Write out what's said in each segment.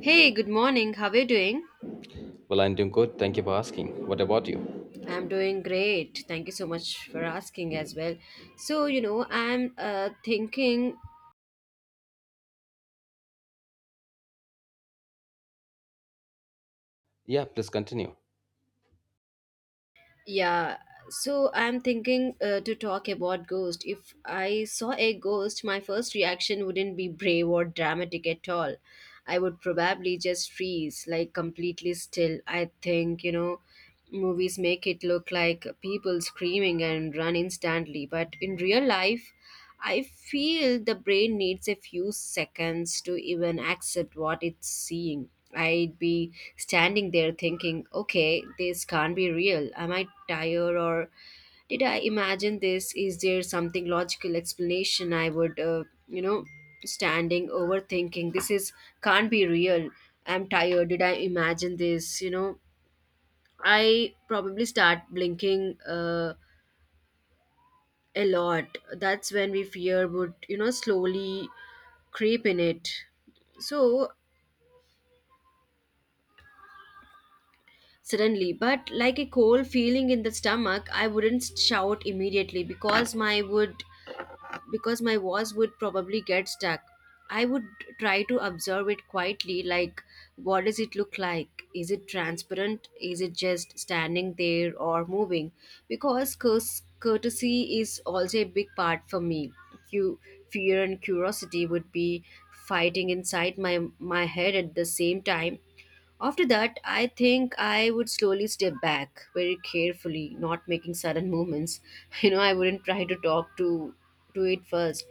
Hey, good morning. How are you doing? Well, I'm doing good. Thank you for asking. What about you? I'm doing great. Thank you so much for asking as well. So, you know, I'm thinking Yeah, please continue. Yeah, so I'm thinking to talk about ghost. If I saw a ghost, my first reaction wouldn't be brave or dramatic at all. I would probably just freeze, like completely still. I think, movies make it look like people screaming and run instantly, but in real life, I feel the brain needs a few seconds to even accept what it's seeing. I'd be standing there thinking, okay, this can't be real. Am I tired or did I imagine this? Is there something logical explanation? I would, standing overthinking. This is can't be real. I'm tired. Did I imagine this? I probably start blinking a lot. That's when we fear would, slowly creep in it. So suddenly, but like a cold feeling in the stomach, I wouldn't shout immediately because my voice would probably get stuck. I would try to observe it quietly, like what does it look like? Is it transparent? Is it just standing there or moving? Because course, courtesy is also a big part for me. You, fear and curiosity would be fighting inside my head at the same time. After that, I think I would slowly step back very carefully, not making sudden movements. You know, I wouldn't try to talk to it first.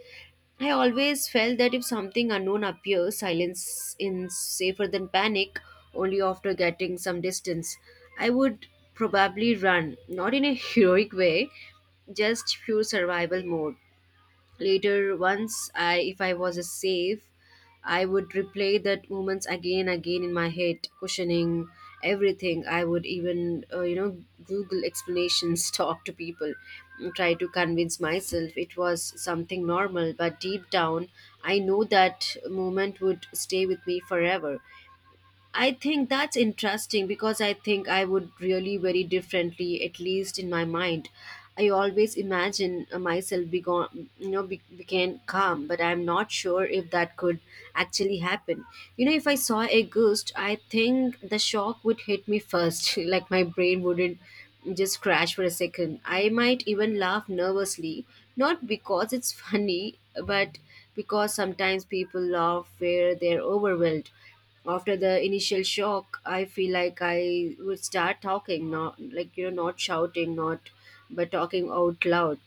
I always felt that if something unknown appears, silence is safer than panic. Only after getting some distance, I would probably run, not in a heroic way, just pure survival mode. Later, once I if I was safe, I would replay that moments again again in my head questioning everything. I would even google explanations, talk to people, try to convince myself it was something normal, but deep down I know that moment would stay with me forever. I think that's interesting because I think I would really very differently, at least in my mind. I always imagine myself be gone, became calm, but I'm not sure if that could actually happen. You know, if I saw a ghost, I think the shock would hit me first. Like my brain wouldn't just crash for a second. I might even laugh nervously, not because it's funny, but because sometimes people laugh where they're overwhelmed. After the initial shock, I feel like I would start talking, not like you know not shouting not but talking out loud,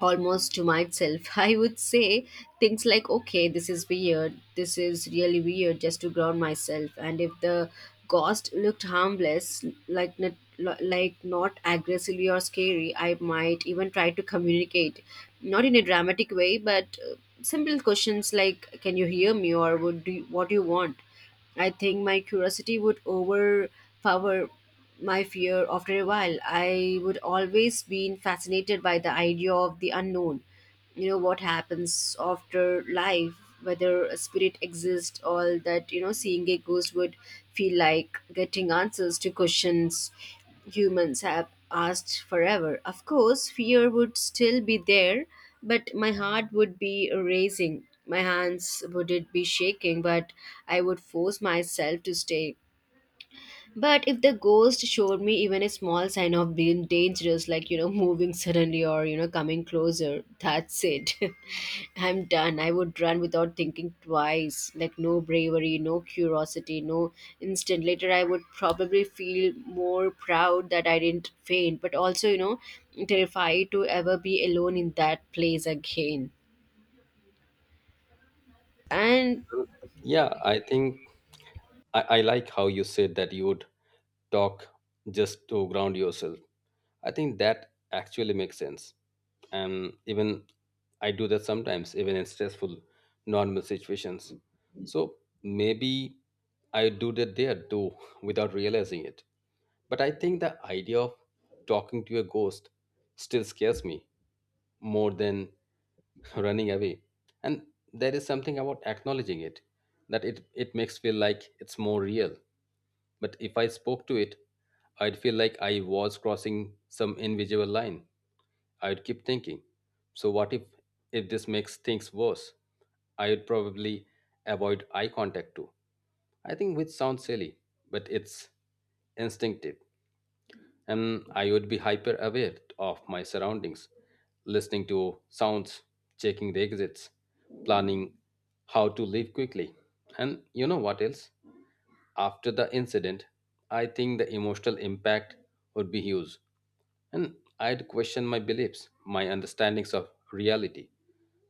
almost to myself. I would say things like, okay, this is weird. This is really weird, just to ground myself. And if the ghost looked harmless, like not aggressively or scary, I might even try to communicate, not in a dramatic way, but simple questions like, can you hear me or what do you want? I think my curiosity would overpower my fear. After a while, I would always been fascinated by the idea of the unknown, what happens after life, whether a spirit exists, all that. Seeing a ghost would feel like getting answers to questions humans have asked forever. Of course fear would still be there, but my heart would be racing, my hands would it be shaking, but I would force myself to stay. But if the ghost showed me even a small sign of being dangerous, like, moving suddenly or, coming closer, that's it. I'm done. I would run without thinking twice. Like, no bravery, no curiosity, no instant. Later, I would probably feel more proud that I didn't faint, but also, you know, terrified to ever be alone in that place again. And Yeah, I think I like how you said that you would talk just to ground yourself. I think that actually makes sense. And even I do that sometimes, even in stressful, normal situations. So maybe I do that there too without realizing it. But I think the idea of talking to a ghost still scares me more than running away, and there is something about acknowledging it that it makes feel like it's more real. But if I spoke to it, I'd feel like I was crossing some invisible line. I'd keep thinking, so what if, this makes things worse. I'd probably avoid eye contact too, I think, which sounds silly, but it's instinctive. And I would be hyper aware of my surroundings, listening to sounds, checking the exits, planning how to leave quickly. And you know what else? After the incident, I think the emotional impact would be huge. And I'd question my beliefs, my understandings of reality.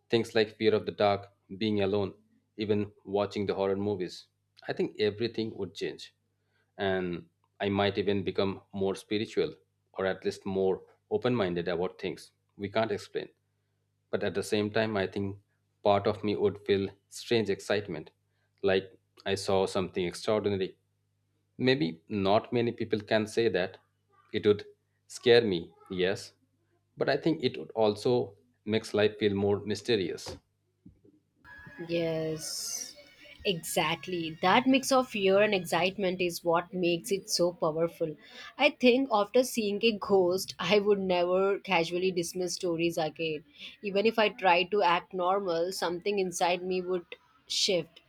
Things like fear of the dark, being alone, even watching the horror movies. I think everything would change. And I might even become more spiritual, or at least more open minded about things we can't explain. But at the same time, I think part of me would feel strange excitement, like I saw something extraordinary. Maybe not many people can say that. It would scare me, yes, but I think it would also makes life feel more mysterious. yes, exactly. That mix of fear and excitement is what makes it so powerful. I think after seeing a ghost, I would never casually dismiss stories again. Even if I tried to act normal, something inside me would shift.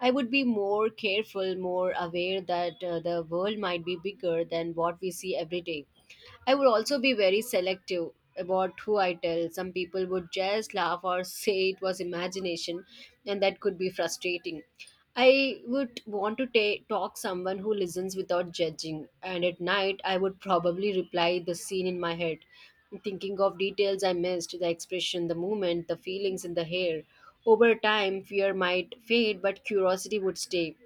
I would be more careful, more aware that the world might be bigger than what we see every day. I would also be very selective about who I tell. Some people would just laugh or say it was imagination, and that could be frustrating. I would want to talk someone who listens without judging, and at night I would probably reply the scene in my head, thinking of details I missed, the expression, the movement, the feelings in the hair. Over time, fear might fade, but curiosity would stay.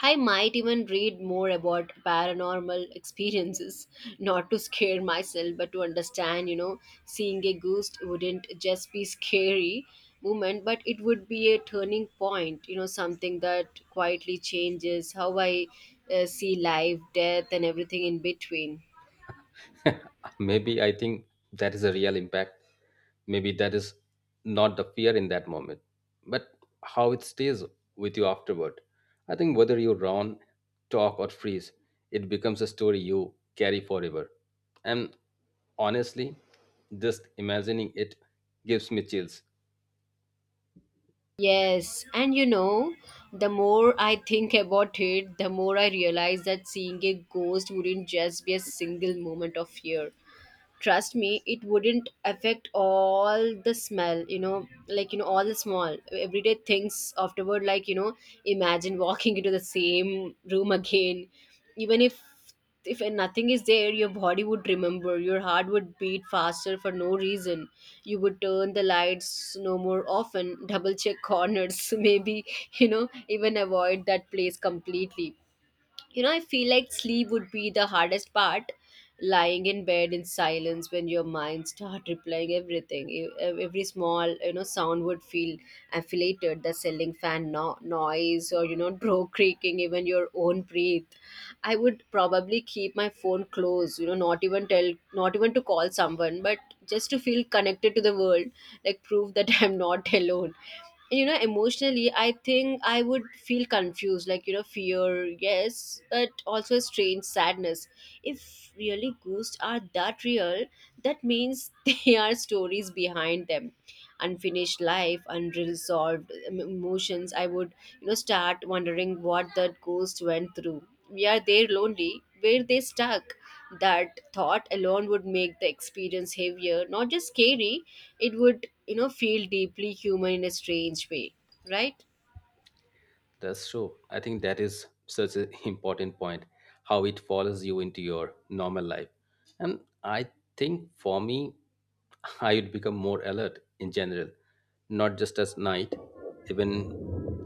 I might even read more about paranormal experiences, not to scare myself, but to understand. You know, seeing a ghost wouldn't just be scary moment, but it would be a turning point, you know, something that quietly changes how I see life, death, and everything in between. Maybe, I think that is a real impact. Maybe that is not the fear in that moment, but how it stays with you afterward. I think whether you run, talk, or freeze, it becomes a story you carry forever. And honestly, just imagining it gives me chills. Yes, and you know, the more I think about it, the more I realize that seeing a ghost wouldn't just be a single moment of fear. Trust me, it wouldn't affect all the smell, you know, all the small everyday things afterward. Like, imagine walking into the same room again. Even if nothing is there, your body would remember, your heart would beat faster for no reason. You would turn the lights no more often, double check corners. Maybe, you know, even avoid that place completely. You know, I feel like sleep would be the hardest part, lying in bed in silence when your mind start replaying everything. Every small, you know, sound would feel affiliated, the ceiling fan noise, or, you know, door creaking, even your own breath. I would probably keep my phone close, you know, not even to call someone, but just to feel connected to the world, like prove that I'm not alone. You know, emotionally, I think I would feel confused, like, you know, fear, yes, but also a strange sadness. If really ghosts are that real, that means they are stories behind them, unfinished life, unresolved emotions. I would, you know, start wondering what that ghost went through. Were they lonely, were they stuck? That thought alone would make the experience heavier, not just scary. It would, you know, feel deeply human in a strange way, right? That's true. I think that is such an important point, how it follows you into your normal life. And I think for me, I would become more alert in general, not just at night. Even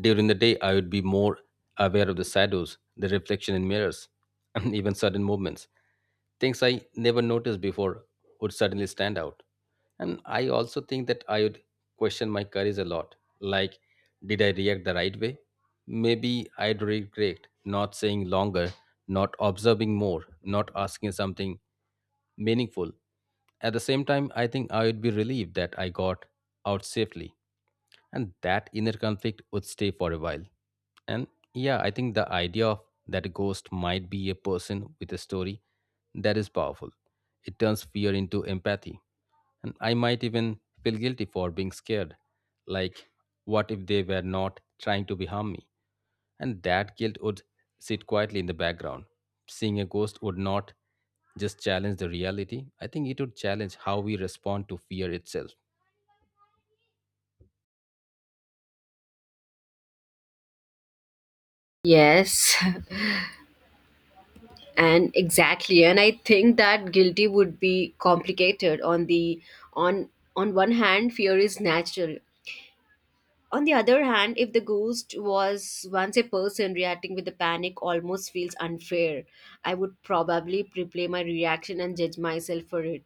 during the day, I would be more aware of the shadows, the reflection in mirrors, and even sudden movements. Things I never noticed before would suddenly stand out. And I also think that I would question my courage a lot. Like, did I react the right way? Maybe I'd regret not saying longer, not observing more, not asking something meaningful. At the same time, I think I would be relieved that I got out safely. And that inner conflict would stay for a while. And yeah, I think the idea of that a ghost might be a person with a story, that is powerful. It turns fear into empathy. And I might even feel guilty for being scared. Like, what if they were not trying to be harm me? And that guilt would sit quietly in the background. Seeing a ghost would not just challenge the reality. I think it would challenge how we respond to fear itself. Yes, and exactly. And I think that guilty would be complicated. On the on on one hand, fear is natural. On the other hand, if the ghost was once a person, reacting with the panic almost feels unfair. I would probably replay my reaction and judge myself for it.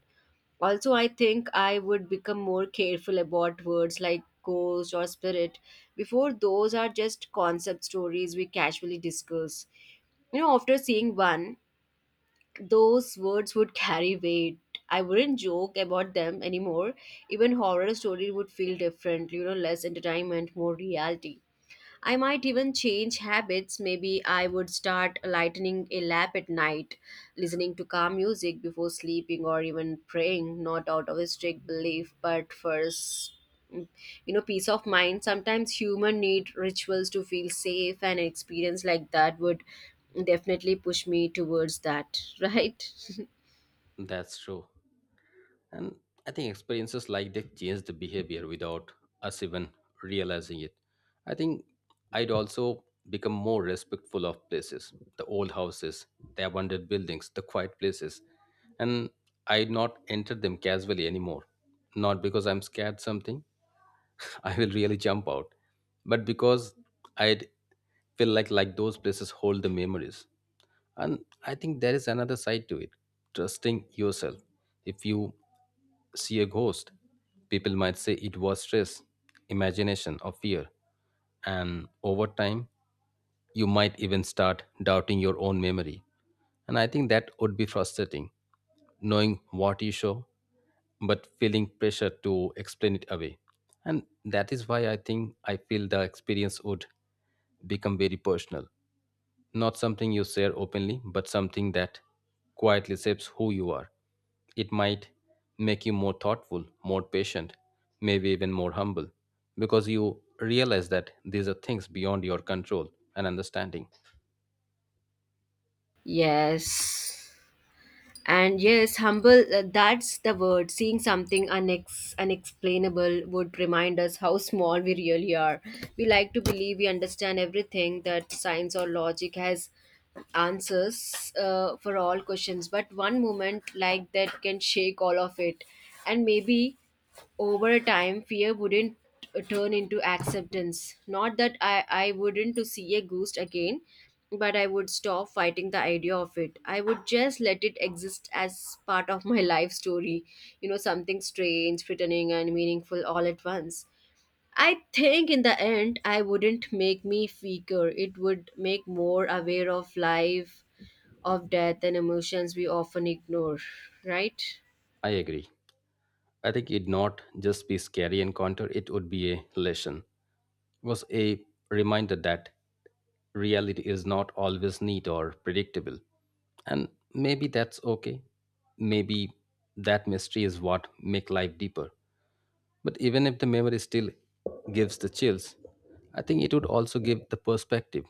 Also, I think I would become more careful about words like ghost or spirit. Before those are just concept stories we casually discuss. You know, after seeing one, those words would carry weight. I wouldn't joke about them anymore. Even horror story would feel different, you know, less entertainment, more reality. I might even change habits. Maybe I would start lightening a lap at night, listening to calm music before sleeping, or even praying, not out of a strict belief, but for you know, peace of mind. Sometimes human need rituals to feel safe, and an experience like that would definitely push me towards that. Right. That's true. And I think experiences like that change the behavior without us even realizing it. I think I'd also become more respectful of places, the old houses, the abandoned buildings, the quiet places. And I'd not enter them casually anymore. Not because I'm scared something, I will really jump out, but because I'd feel like those places hold the memories. And I think there is another side to it, trusting yourself. If you see a ghost, people might say it was stress, imagination, or fear. And over time, you might even start doubting your own memory. And I think that would be frustrating, knowing what you show, but feeling pressure to explain it away. And that is why I think I feel the experience would become very personal. Not something you share openly, but something that quietly shapes who you are. It might make you more thoughtful, more patient, maybe even more humble, because you realize that these are things beyond your control and understanding. Yes, and yes, humble, that's the word. Seeing something unexplainable would remind us how small we really are. We like to believe we understand everything, that science or logic has answers for all questions. But one moment like that can shake all of it. And maybe over time fear wouldn't turn into acceptance. Not that I wouldn't to see a ghost again, but I would stop fighting the idea of it. I would just let it exist as part of my life story, you know, something strange, threatening, and meaningful all at once. I think in the end, I wouldn't make me weaker, it would make more aware of life, of death, and emotions we often ignore, right? I agree. I think it'd not just be scary encounter, it would be a lesson. Was a reminder that reality is not always neat or predictable. And maybe that's okay. Maybe that mystery is what make life deeper. But even if the memory still gives the chills, I think it would also give the perspective.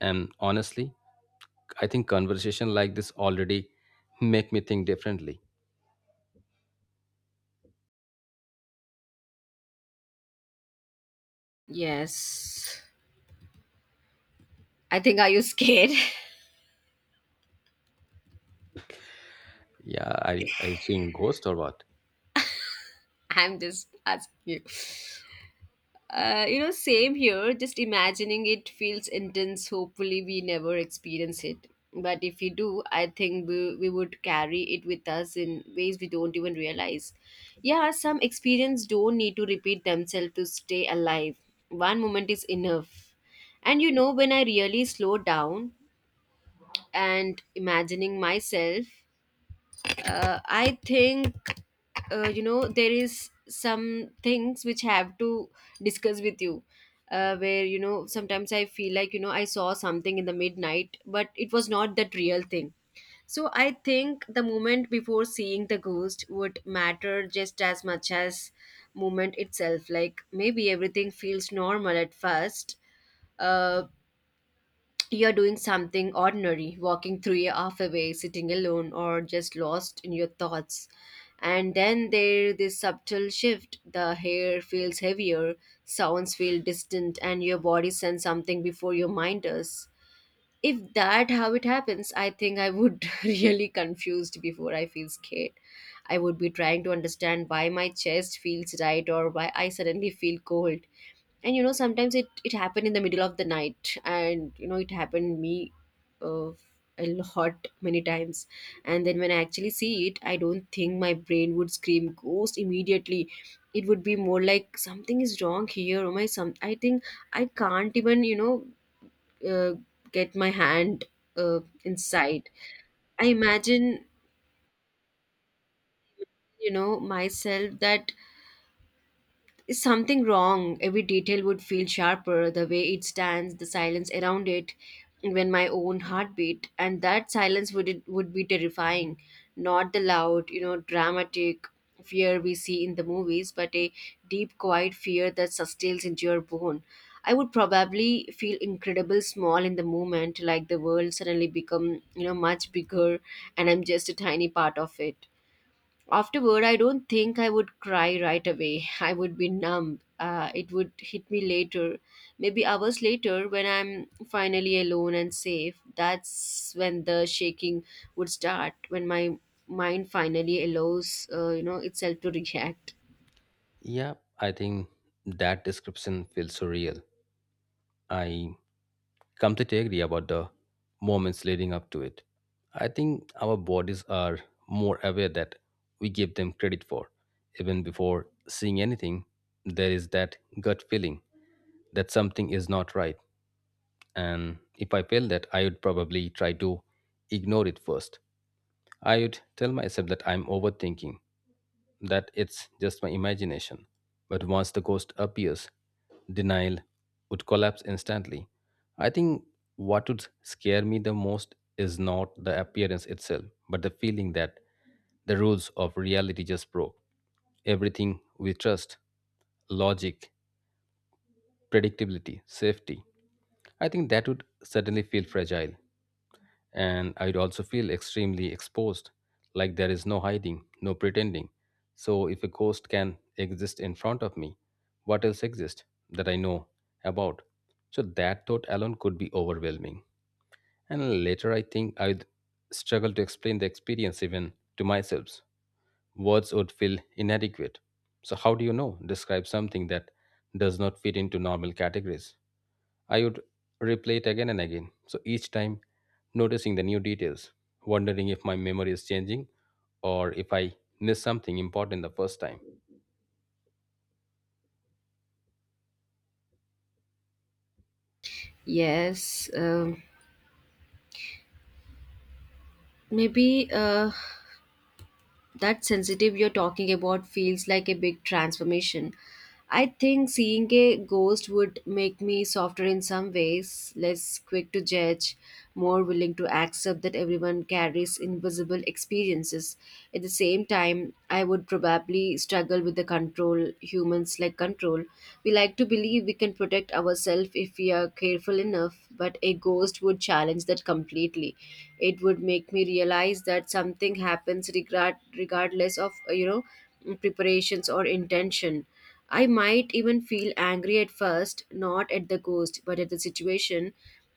And honestly, I think conversation like this already make me think differently. Yes. I think, are you scared? Yeah, I seeing ghost or what? I'm just asking you. You know, same here. Just imagining it feels intense. Hopefully, we never experience it. But if we do, I think we would carry it with us in ways we don't even realize. Yeah, some experience don't need to repeat themselves to stay alive. One moment is enough. And you know, when I really slow down and imagining myself, I think you know there is some things which have to discuss with you, where you know sometimes I feel like I saw something in the midnight but it was not that real thing. So I think the moment before seeing the ghost would matter just as much as moment itself. Like maybe everything feels normal at first. uh, you're doing something ordinary, walking three half away, sitting alone, or just lost in your thoughts. And then there this subtle shift. The hair feels heavier, sounds feel distant, and your body sends something before your mind does. If that how it happens, I think I would really confused before I feel scared. I would be trying to understand why my chest feels right or why I suddenly feel cold. And you know sometimes it happened in the middle of the night, and you know it happened me, uh, a lot many times. And then when I actually see it, I don't think my brain would scream ghost immediately. It would be more like something is wrong here. Oh my some, I think I can't even, uh, get my hand, inside. I imagine, you know, myself that, is something wrong? Every detail would feel sharper, the way it stands, the silence around it, even my own heartbeat. And that silence would, it would be terrifying. Not the loud, you know, dramatic fear we see in the movies, but a deep, quiet fear that sustains into your bone. I would probably feel incredible small in the moment, like the world suddenly become, you know, much bigger and I'm just a tiny part of it. Afterward, I don't think I would cry right away. I would be numb. It would hit me later, maybe hours later when I'm finally alone and safe. That's when the shaking would start, when my mind finally allows itself to react. Yeah, I think that description feels so real. I completely agree about the moments leading up to it. I think our bodies are more aware that we give them credit for. Even before seeing anything, there is that gut feeling that something is not right. And if I feel that, I would probably try to ignore it first. I would tell myself that I'm overthinking, that it's just my imagination. But once the ghost appears, denial would collapse instantly. I think what would scare me the most is not the appearance itself, but the feeling that the rules of reality just broke. Everything we trust, logic, predictability, safety, I think that would suddenly feel fragile. And I'd also feel extremely exposed, like there is no hiding, no pretending. So, if a ghost can exist in front of me, what else exists that I know about? So, that thought alone could be overwhelming. And later, I think I'd struggle to explain the experience even to myself. Words would feel inadequate. So, how do you know? Describe something that does not fit into normal categories. I would replay it again and again. So each time, noticing the new details, wondering if my memory is changing or if I missed something important the first time. Yes, maybe. That sensitive you're talking about feels like a big transformation. I think seeing a ghost would make me softer in some ways, less quick to judge, more willing to accept that everyone carries invisible experiences. At the same time, I would probably we struggle with the control, humans like control. We like to believe we can protect ourselves if we are careful enough, but a ghost would challenge that completely. It would make me realize that something happens regardless of you know preparations or intention. I might even feel angry at first, not at the ghost, but at the situation.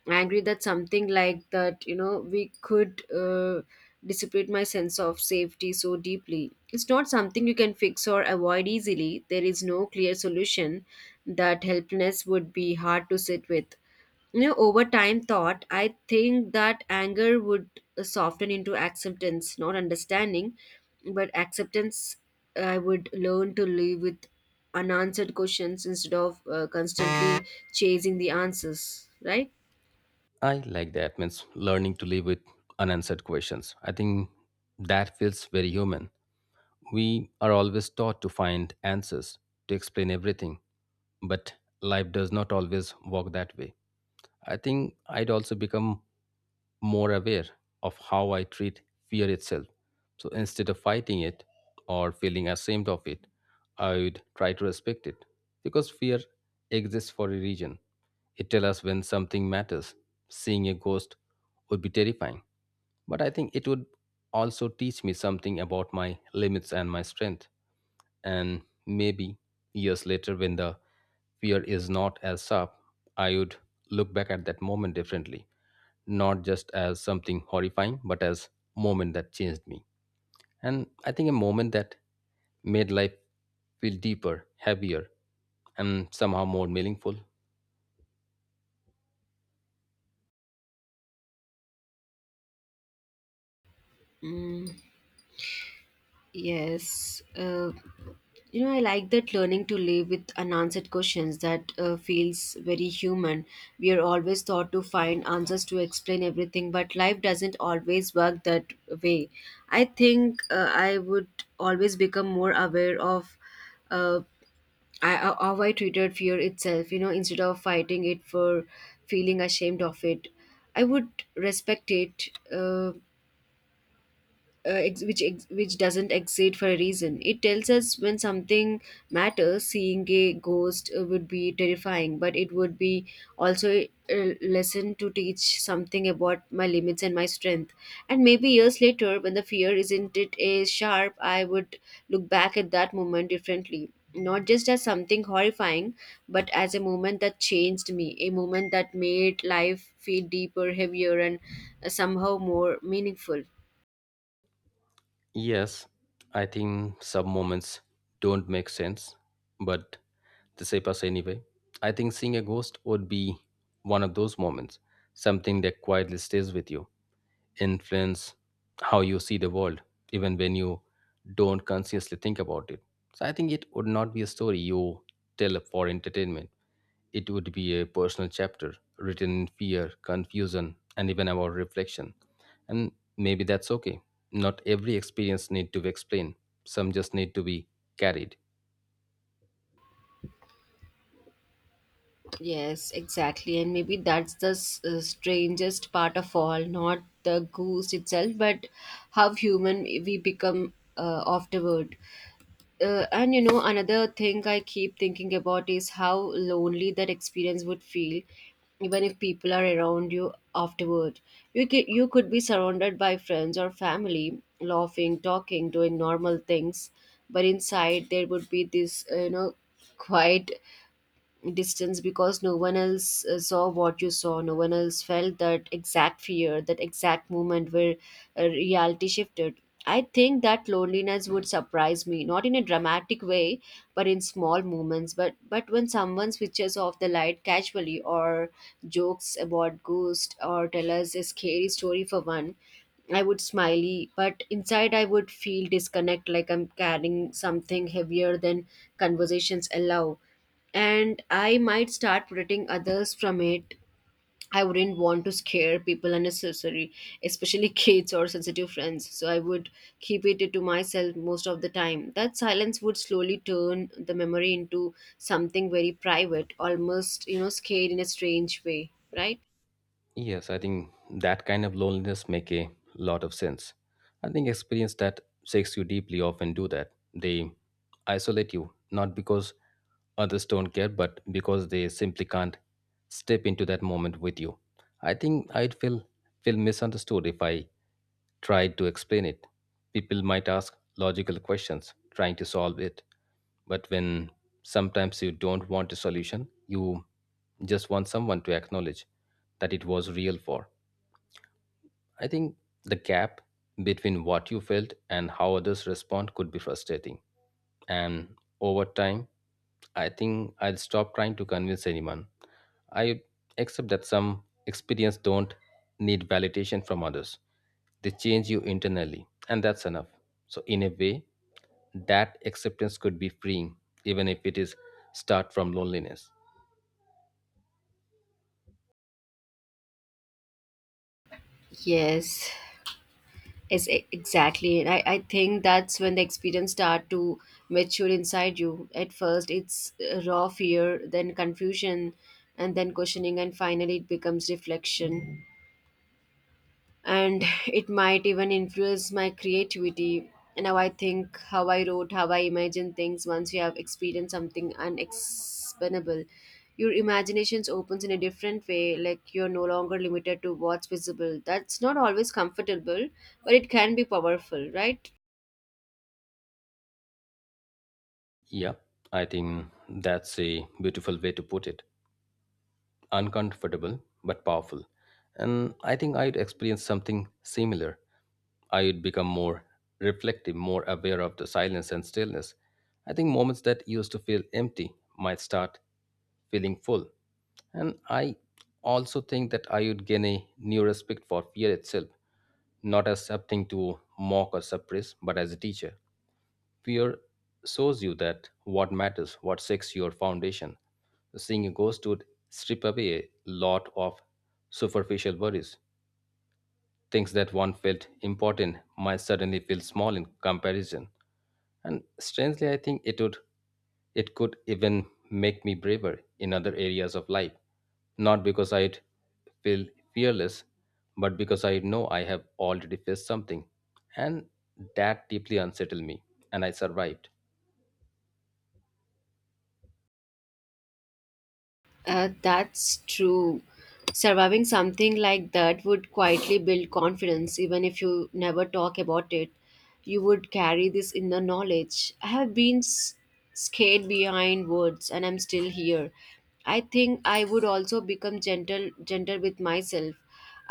Angry that something like that, you know, we could dissipate my sense of safety so deeply. It's not something you can fix or avoid easily. There is no clear solution. That helplessness would be hard to sit with. You know over time thought, I think that anger would soften into acceptance, not understanding but acceptance. I would learn to live with unanswered questions instead of constantly chasing the answers, right? I like that, means learning to live with unanswered questions. I think that feels very human. We are always taught to find answers, to explain everything, but life does not always work that way. I think I'd also become more aware of how I treat fear itself. So instead of fighting it or feeling ashamed of it, I would try to respect it. Because fear exists for a reason. It tells us when something matters. Seeing a ghost would be terrifying. But I think it would also teach me something about my limits and my strength. And maybe years later, when the fear is not as sharp, I would look back at that moment differently, not just as something horrifying, but as moment that changed me. And I think a moment that made life feel deeper, heavier, and somehow more meaningful. mm, yes, you know, I like that learning to live with unanswered questions that feels very human. We are always taught to find answers to explain everything, but life doesn't always work that way. I think I would always become more aware of, uh, how I treated fear itself, you know, instead of fighting it for feeling ashamed of it. I would respect it. Which doesn't exist for a reason. It tells us when something matters. Seeing a ghost would be terrifying, but it would be also a lesson to teach something about my limits and my strength. And maybe years later, when the fear isn't it as sharp, I would look back at that moment differently. Not just as something horrifying, but as a moment that changed me, a moment that made life feel deeper, heavier, and somehow more meaningful. Yes, I think some moments don't make sense, but they shape us anyway. I think seeing a ghost would be one of those moments, something that quietly stays with you, influence how you see the world, even when you don't consciously think about it. So I think it would not be a story you tell for entertainment. It would be a personal chapter written in fear, confusion, and even about reflection. And maybe that's okay. Not every experience need to be explained. Some just need to be carried. Yes, exactly. And maybe that's the strangest part of all, not the goose itself, but how human we become afterward. And you know, another thing I keep thinking about is how lonely that experience would feel, even if people are around you afterward. You could be surrounded by friends or family, laughing, talking, doing normal things, but inside there would be this, you know, quiet distance, because no one else saw what you saw, no one else felt that exact fear, that exact moment where reality shifted. I think that loneliness would surprise me, not in a dramatic way but in small moments, but when someone switches off the light casually, or jokes about ghosts, or tell us a scary story for one, I would smiley, but inside I would feel disconnect, like I'm carrying something heavier than conversations allow. And I might start protecting others from it. I wouldn't want to scare people unnecessarily, especially kids or sensitive friends. So I would keep it to myself most of the time. That silence would slowly turn the memory into something very private, almost, you know, scared in a strange way, right? Yes, I think that kind of loneliness make a lot of sense. I think experience that shakes you deeply often do that. They isolate you, not because others don't care, but because they simply can't step into that moment with you. I think I'd feel misunderstood if I tried to explain it. People might ask logical questions, trying to solve it. But when sometimes you don't want a solution, you just want someone to acknowledge that it was real for. I think the gap between what you felt and how others respond could be frustrating. And over time, I think I'll stop trying to convince anyone. I accept that some experience don't need validation from others. They change you internally, and that's enough. So in a way, that acceptance could be freeing, even if it is start from loneliness. Yes. Exactly. And I think that's when the experience start to mature inside you. At first, it's raw fear, then confusion, and then questioning, and finally it becomes reflection. And it might even influence my creativity and how I think, how I wrote, how I imagine things. Once you have experienced something unexplainable, your imaginations opens in a different way, like you're no longer limited to what's visible. That's not always comfortable, but it can be powerful, right? Yeah, I think that's a beautiful way to put it. Uncomfortable but powerful. And I think I'd experience something similar. I'd become more reflective, more aware of the silence and stillness. I think moments that used to feel empty might start feeling full. And I also think that I would gain a new respect for fear itself, not as something to mock or suppress, but as a teacher. Fear shows you that what matters, what sets your foundation. Seeing a ghost would strip away a lot of superficial worries. Things that one felt important might suddenly feel small in comparison. And strangely, I think it would, it could even make me braver in other areas of life. Not because I'd feel fearless, but because I know I have already faced something. And that deeply unsettled me, and I survived. That's true. Surviving something like that would quietly build confidence, even if you never talk about it. You would carry this inner knowledge. I have been scared behind words, and I'm still here. I think I would also become gentle, gentle with myself.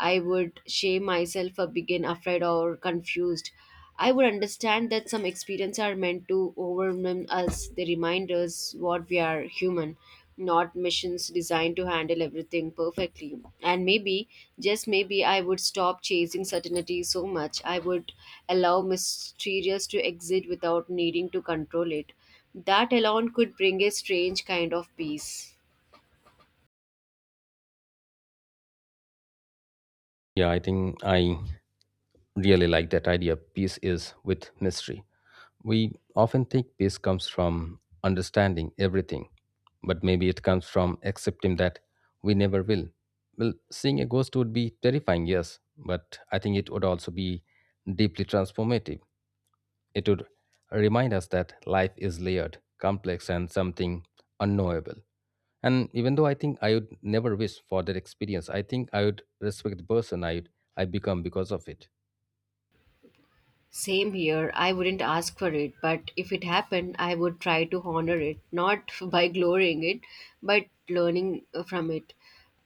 I would shame myself for being afraid or confused. I would understand that some experiences are meant to overwhelm us. They remind us what we are human, not machines designed to handle everything perfectly. And maybe, just maybe, I would stop chasing certainty so much. I would allow mysterious to exist without needing to control it. That alone could bring a strange kind of peace. Yeah, I think I really like that idea. Peace is with mystery. We often think peace comes from understanding everything, but maybe it comes from accepting that we never will. Well, seeing a ghost would be terrifying, yes, but I think it would also be deeply transformative. It would remind us that life is layered, complex, and something unknowable. And even though I think I would never wish for that experience, I think I would respect the person I become because of it. Same here. I wouldn't ask for it, but if it happened, I would try to honor it, not by glorying it, but learning from it.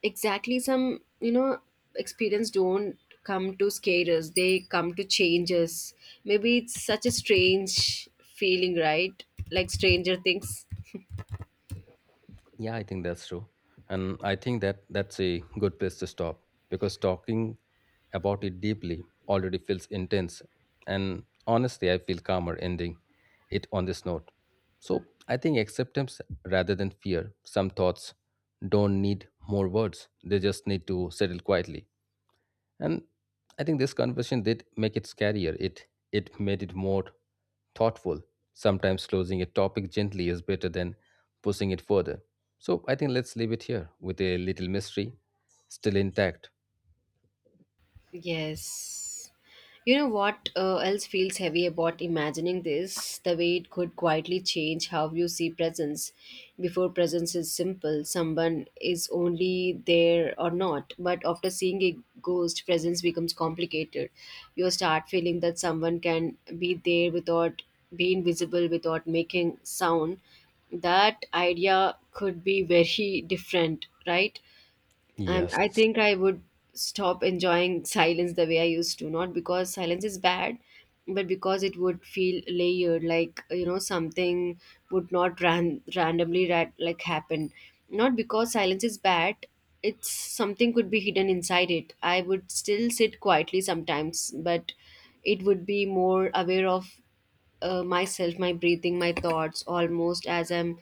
Exactly, some, you know, experience don't come to scare us, they come to change us. Maybe it's such a strange feeling, right? Like Stranger Things. Yeah, I think that's true. And I think that that's a good place to stop because talking about it deeply already feels intense. And honestly, I feel calmer ending it on this note. So I think acceptance rather than fear. Some thoughts don't need more words, they just need to settle quietly. And I think this conversation did make it scarier, it made it more thoughtful. Sometimes closing a topic gently is better than pushing it further. So I think let's leave it here with a little mystery still intact. Yes. You know what else feels heavy about imagining this? The way it could quietly change how you see presence. Before, presence is simple, someone is only there or not. But after seeing a ghost, presence becomes complicated. You start feeling that someone can be there without being visible, without making sound. That idea could be very different, right? And Yes, I think I would stop enjoying silence the way I used to, not because silence is bad, but because it would feel layered, like you know something would not like happen. Not because silence is bad, it's something could be hidden inside it. I would still sit quietly sometimes, but it would be more aware of, myself, my breathing, my thoughts, almost as I'm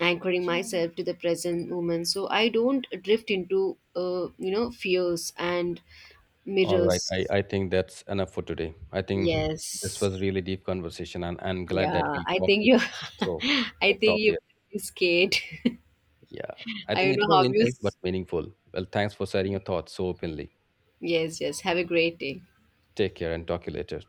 anchoring myself to the present moment. So I don't drift into, you know, fears and all right, mirrors. I think that's enough for today. I think this Yes. was really deep conversation and I'm glad that Yeah. we I talked think you, it through. I Let's think stop you here. scared. Yeah, I I think don't it know was how you. intense but meaningful. Well, thanks for sharing your thoughts so openly. Yes. Yes. Have a great day. Take care and talk to you later.